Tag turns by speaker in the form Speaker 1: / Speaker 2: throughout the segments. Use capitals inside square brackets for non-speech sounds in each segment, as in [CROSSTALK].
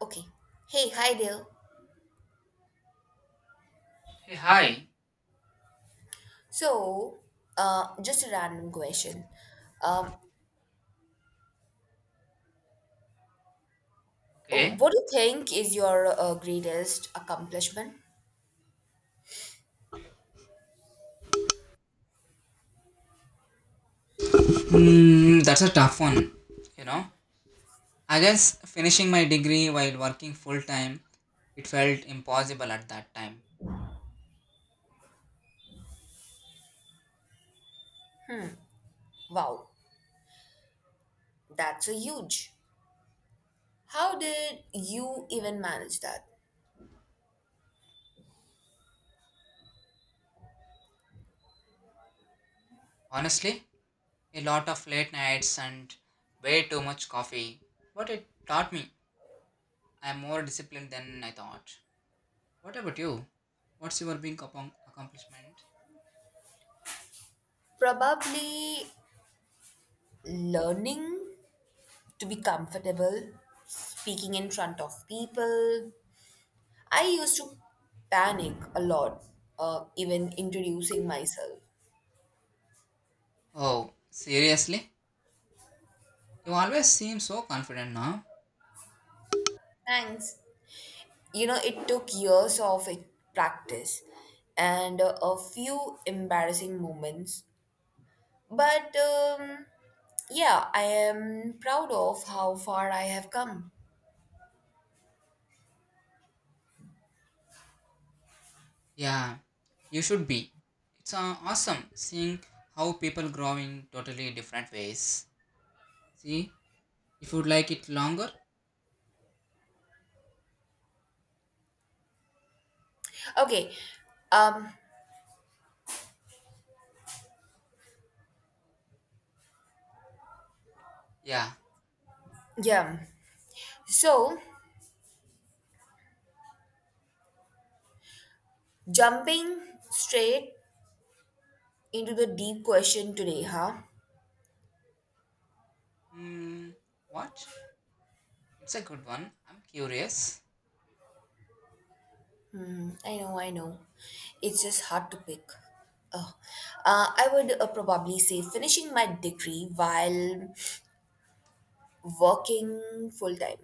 Speaker 1: Okay. Hey, hi there.
Speaker 2: Hey, hi.
Speaker 1: So, just a random question. Um,
Speaker 2: Okay.
Speaker 1: what do you think is your greatest accomplishment?
Speaker 2: Hmm, that's a tough one. You know, I guess finishing my degree while working full time, it felt impossible at that time.
Speaker 1: Wow, that's a huge. How did you even manage that?
Speaker 2: Honestly, a lot of late nights and way too much coffee. But it taught me I'm more disciplined than I thought. What about you? What's your big accomplishment?
Speaker 1: Probably learning to be comfortable, speaking in front of people. I used to panic a lot, even introducing myself.
Speaker 2: Oh, seriously? You always seem so confident now.
Speaker 1: Thanks. It took years of practice and a few embarrassing moments but yeah, I am proud of how far I have come.
Speaker 2: Yeah, you should be. It's awesome seeing how people grow in totally different ways. See, if you'd like it longer,
Speaker 1: Okay. um
Speaker 2: yeah.
Speaker 1: yeah, so jumping straight into the deep question today, huh?
Speaker 2: Hmm, what? It's a good one. I'm curious.
Speaker 1: I know, I know, it's just hard to pick. Oh, I would probably say finishing my degree while working full time.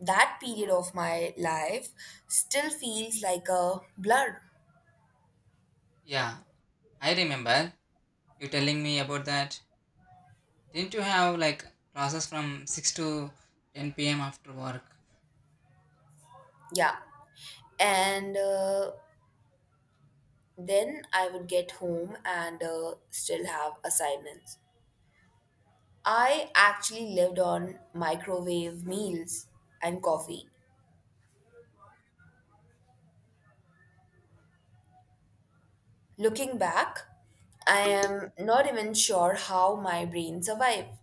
Speaker 1: That period of my life still feels like a blur.
Speaker 2: Yeah, I remember you telling me about that. Didn't you have like classes from 6 to 10 p.m. after work?
Speaker 1: Yeah. And then I would get home and still have assignments. I actually lived on microwave meals and coffee. Looking back, I am not even sure how my brain survived.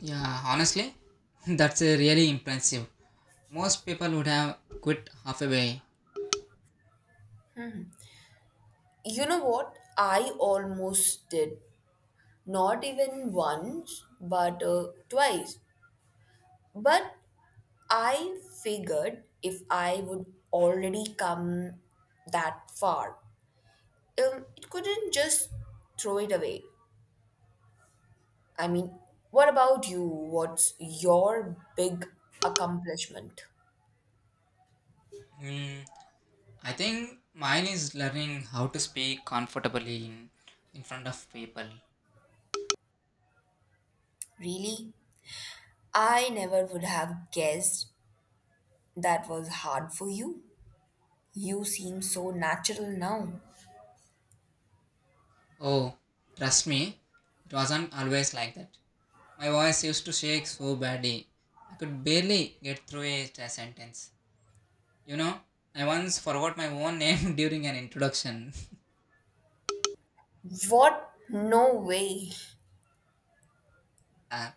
Speaker 2: Yeah, honestly, [LAUGHS] that's really impressive. Most people would have quit halfway.
Speaker 1: You know what? I almost did. Not even once, but twice. But I figured if I would already come that far, it couldn't just throw it away. I mean, what about you? What's your big accomplishment?
Speaker 2: Hmm. I think mine is learning how to speak comfortably in front of people.
Speaker 1: Really? I never would have guessed that was hard for you. You seem so natural now.
Speaker 2: Oh, trust me, it wasn't always like that. My voice used to shake so badly. I could barely get through a sentence. You know, I once forgot my own name [LAUGHS] during an introduction. [LAUGHS]
Speaker 1: What? No way.
Speaker 2: Uh,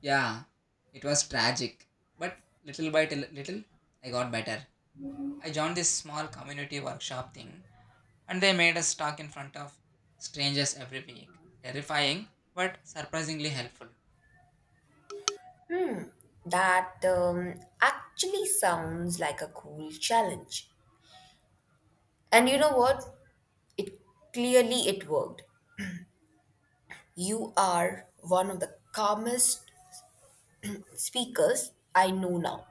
Speaker 2: yeah, it was tragic. But little by little, I got better. I joined this small community workshop thing and they made us talk in front of strangers every week. Terrifying, but surprisingly helpful.
Speaker 1: That actually sounds like a cool challenge. And you know what? It clearly it worked. You are one of the calmest speakers I know now.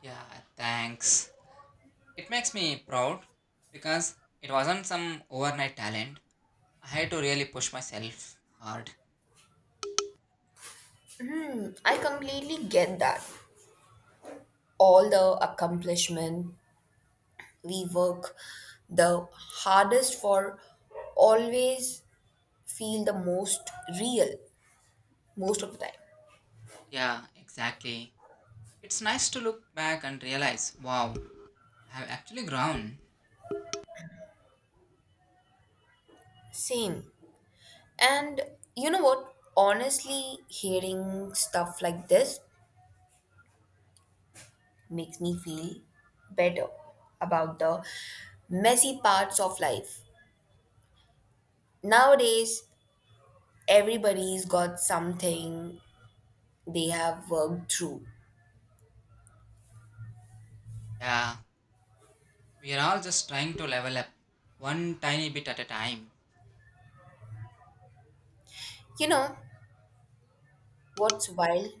Speaker 2: Yeah, thanks. It makes me proud because it wasn't some overnight talent. I had to really push myself hard.
Speaker 1: I completely get that. All the accomplishment we work the hardest for always feel the most real most of the time.
Speaker 2: Yeah, exactly. It's nice to look back and realize wow, I have actually grown.
Speaker 1: Same. And you know what? Honestly, hearing stuff like this makes me feel better about the messy parts of life. Nowadays, everybody's got something they have worked through.
Speaker 2: Yeah, we are all just trying to level up one tiny bit at a time.
Speaker 1: You know what's wild?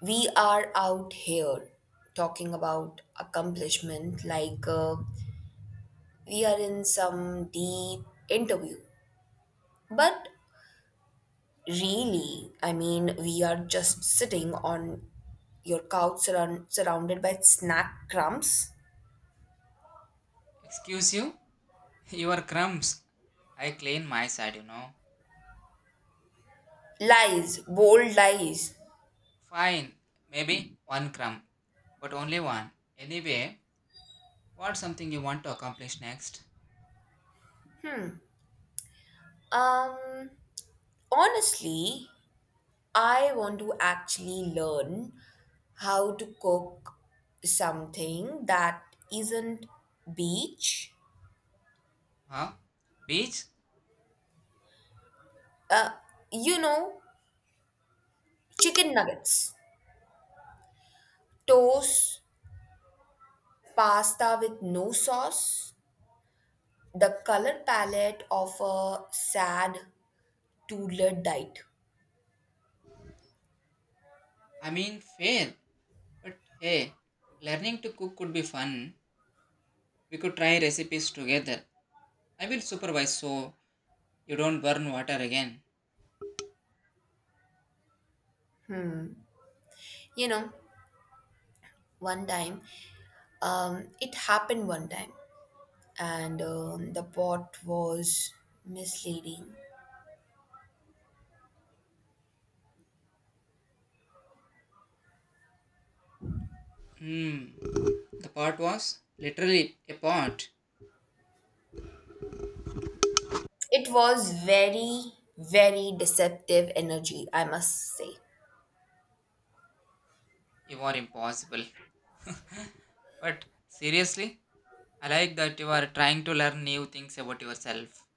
Speaker 1: We are out here talking about accomplishment like we are in some deep interview. But really, I mean, we are just sitting on your couch surrounded by snack crumbs.
Speaker 2: Excuse you? [LAUGHS] Your crumbs. I clean my side, you know.
Speaker 1: Lies, bold lies.
Speaker 2: Fine, maybe one crumb, but only one. Anyway, what's something you want to accomplish next?
Speaker 1: Um, Honestly, I want to actually learn how to cook something that isn't beach.
Speaker 2: Huh? Beach?
Speaker 1: Uh, you know, chicken nuggets, toast, pasta with no sauce, the color palette of a sad toddler diet.
Speaker 2: I mean, fail. But hey, learning to cook could be fun. We could try recipes together. I will supervise so you don't burn water again.
Speaker 1: You know, one time, it happened one time, and the pot was misleading.
Speaker 2: Hmm. The pot was literally a pot.
Speaker 1: It was very, very deceptive energy, I must say.
Speaker 2: You are impossible. But seriously, I like that you are trying to learn new things about yourself.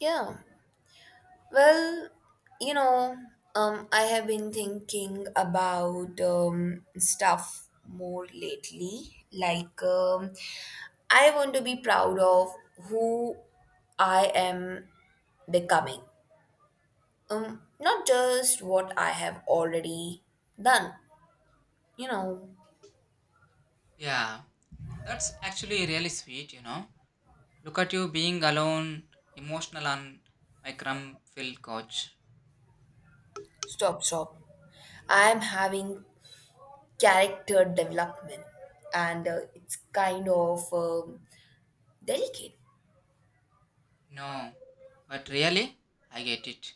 Speaker 1: Yeah. Well, you know, I have been thinking about stuff more lately. Like, I want to be proud of who I am becoming. Not just what I have already done. You know,
Speaker 2: Yeah, that's actually really sweet, you know. Look at you being alone, emotional on my crumb filled couch.
Speaker 1: stop, stop. I am having character development and it's kind of delicate.
Speaker 2: No, but really, I get it.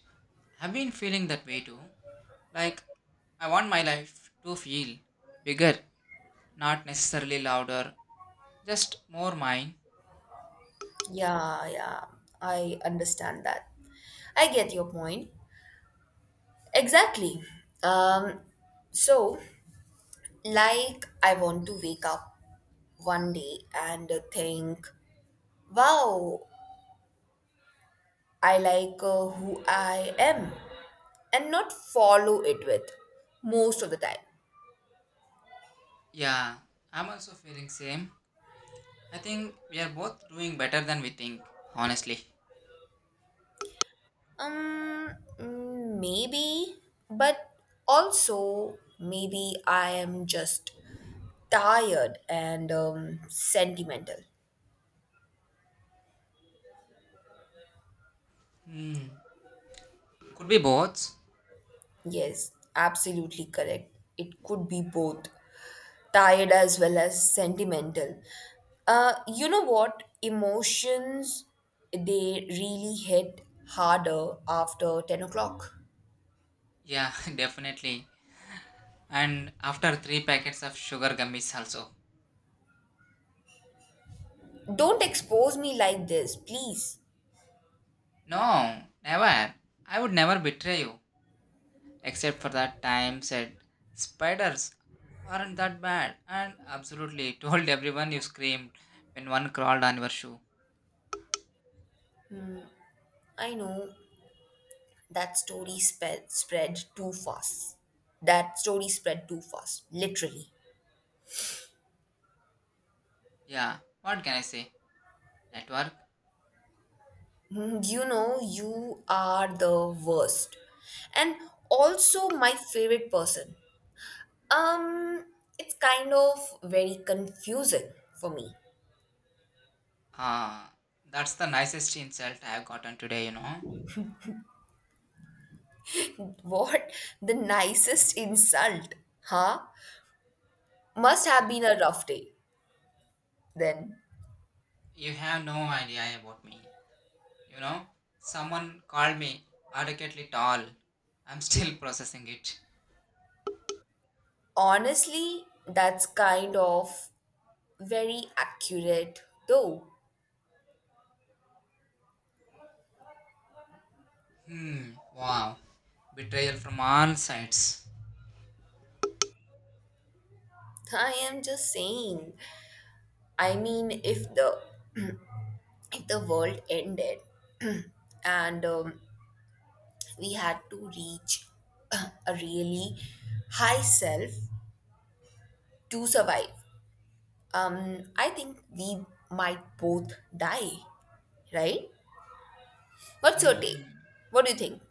Speaker 2: I've been feeling that way too. Like, I want my life to feel bigger, not necessarily louder, just more mine.
Speaker 1: Yeah, yeah, I understand that. I get your point exactly. um so, like, I want to wake up one day and think, wow, I like who I am, and not follow it with most of the time.
Speaker 2: Yeah, I'm also feeling same. I think we are both doing better than we think, honestly.
Speaker 1: Um, Maybe, but also maybe I am just tired and sentimental.
Speaker 2: Hmm, could be both.
Speaker 1: Yes, absolutely correct. It could be both tired as well as sentimental. You know what? Emotions, they really hit harder after 10 o'clock.
Speaker 2: Yeah, [LAUGHS] definitely. And after three packets of sugar gummies also.
Speaker 1: Don't expose me like this, please.
Speaker 2: No, never. I would never betray you. Except for that time, said spiders aren't that bad. And absolutely [LAUGHS] told everyone you screamed when one crawled on your shoe.
Speaker 1: I know that story spread too fast. That story spread too fast, literally.
Speaker 2: Yeah, what can I say? Network?
Speaker 1: You know, you are the worst, and also my favorite person. Um, it's kind of very confusing for me.
Speaker 2: Ah, that's the nicest insult I've gotten today, you know.
Speaker 1: What [LAUGHS] the nicest insult, huh? Must have
Speaker 2: Yeah.
Speaker 1: been a rough day then.
Speaker 2: You have no idea about me. You know, someone called me adequately tall. I'm still [LAUGHS] processing it.
Speaker 1: Honestly, that's kind of very accurate though.
Speaker 2: Hmm, wow. Betrayal from all sides.
Speaker 1: I am just saying. I mean, if the world ended [CLEARS THROAT] and we had to reach [CLEARS THROAT] a really high self to survive, I think we might both die, right? What's your take?
Speaker 2: Hmm.
Speaker 1: What do you think?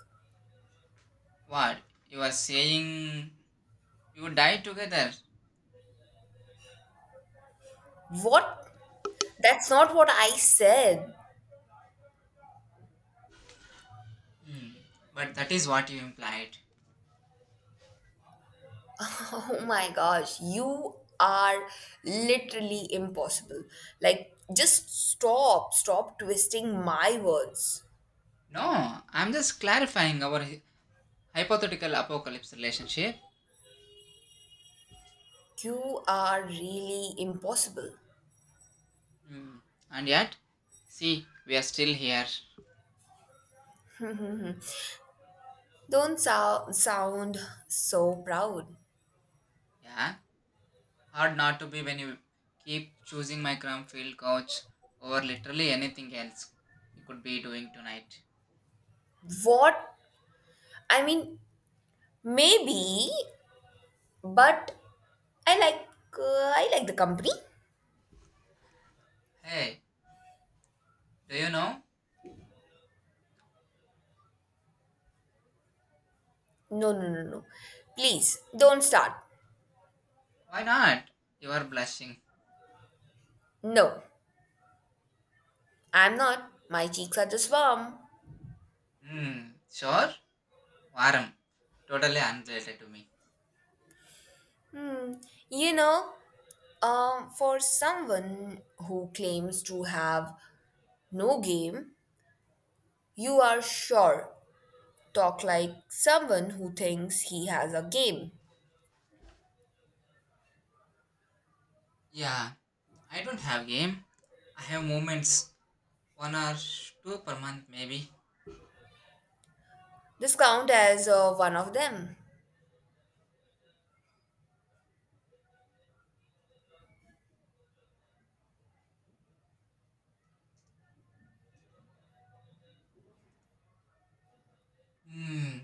Speaker 2: What? You are saying you died together?
Speaker 1: What? That's not what I said.
Speaker 2: Hmm. But that is what you implied.
Speaker 1: [LAUGHS] Oh my gosh, you are literally impossible. Like, just stop, stop twisting my words.
Speaker 2: No, I'm just clarifying our hypothetical apocalypse relationship.
Speaker 1: You are really impossible.
Speaker 2: Hmm. And yet, see, we are still here.
Speaker 1: Don't sound so proud.
Speaker 2: Yeah. Hard not to be when you keep choosing my crumb field couch over literally anything else you could be doing tonight.
Speaker 1: What? I mean, maybe, but I like I like the company.
Speaker 2: Hey, do you know?
Speaker 1: No, no, no, no. Please don't start.
Speaker 2: Why not? You are blushing.
Speaker 1: No, I'm not. My cheeks are just warm.
Speaker 2: Hmm. Sure? Warm. Totally unrelated to me.
Speaker 1: Hmm. You know, for someone who claims to have no game, you are sure talk like someone who thinks he has a game.
Speaker 2: Yeah. I don't have game. I have moments. One or two per month, maybe.
Speaker 1: This count as one of them.
Speaker 2: Hmm.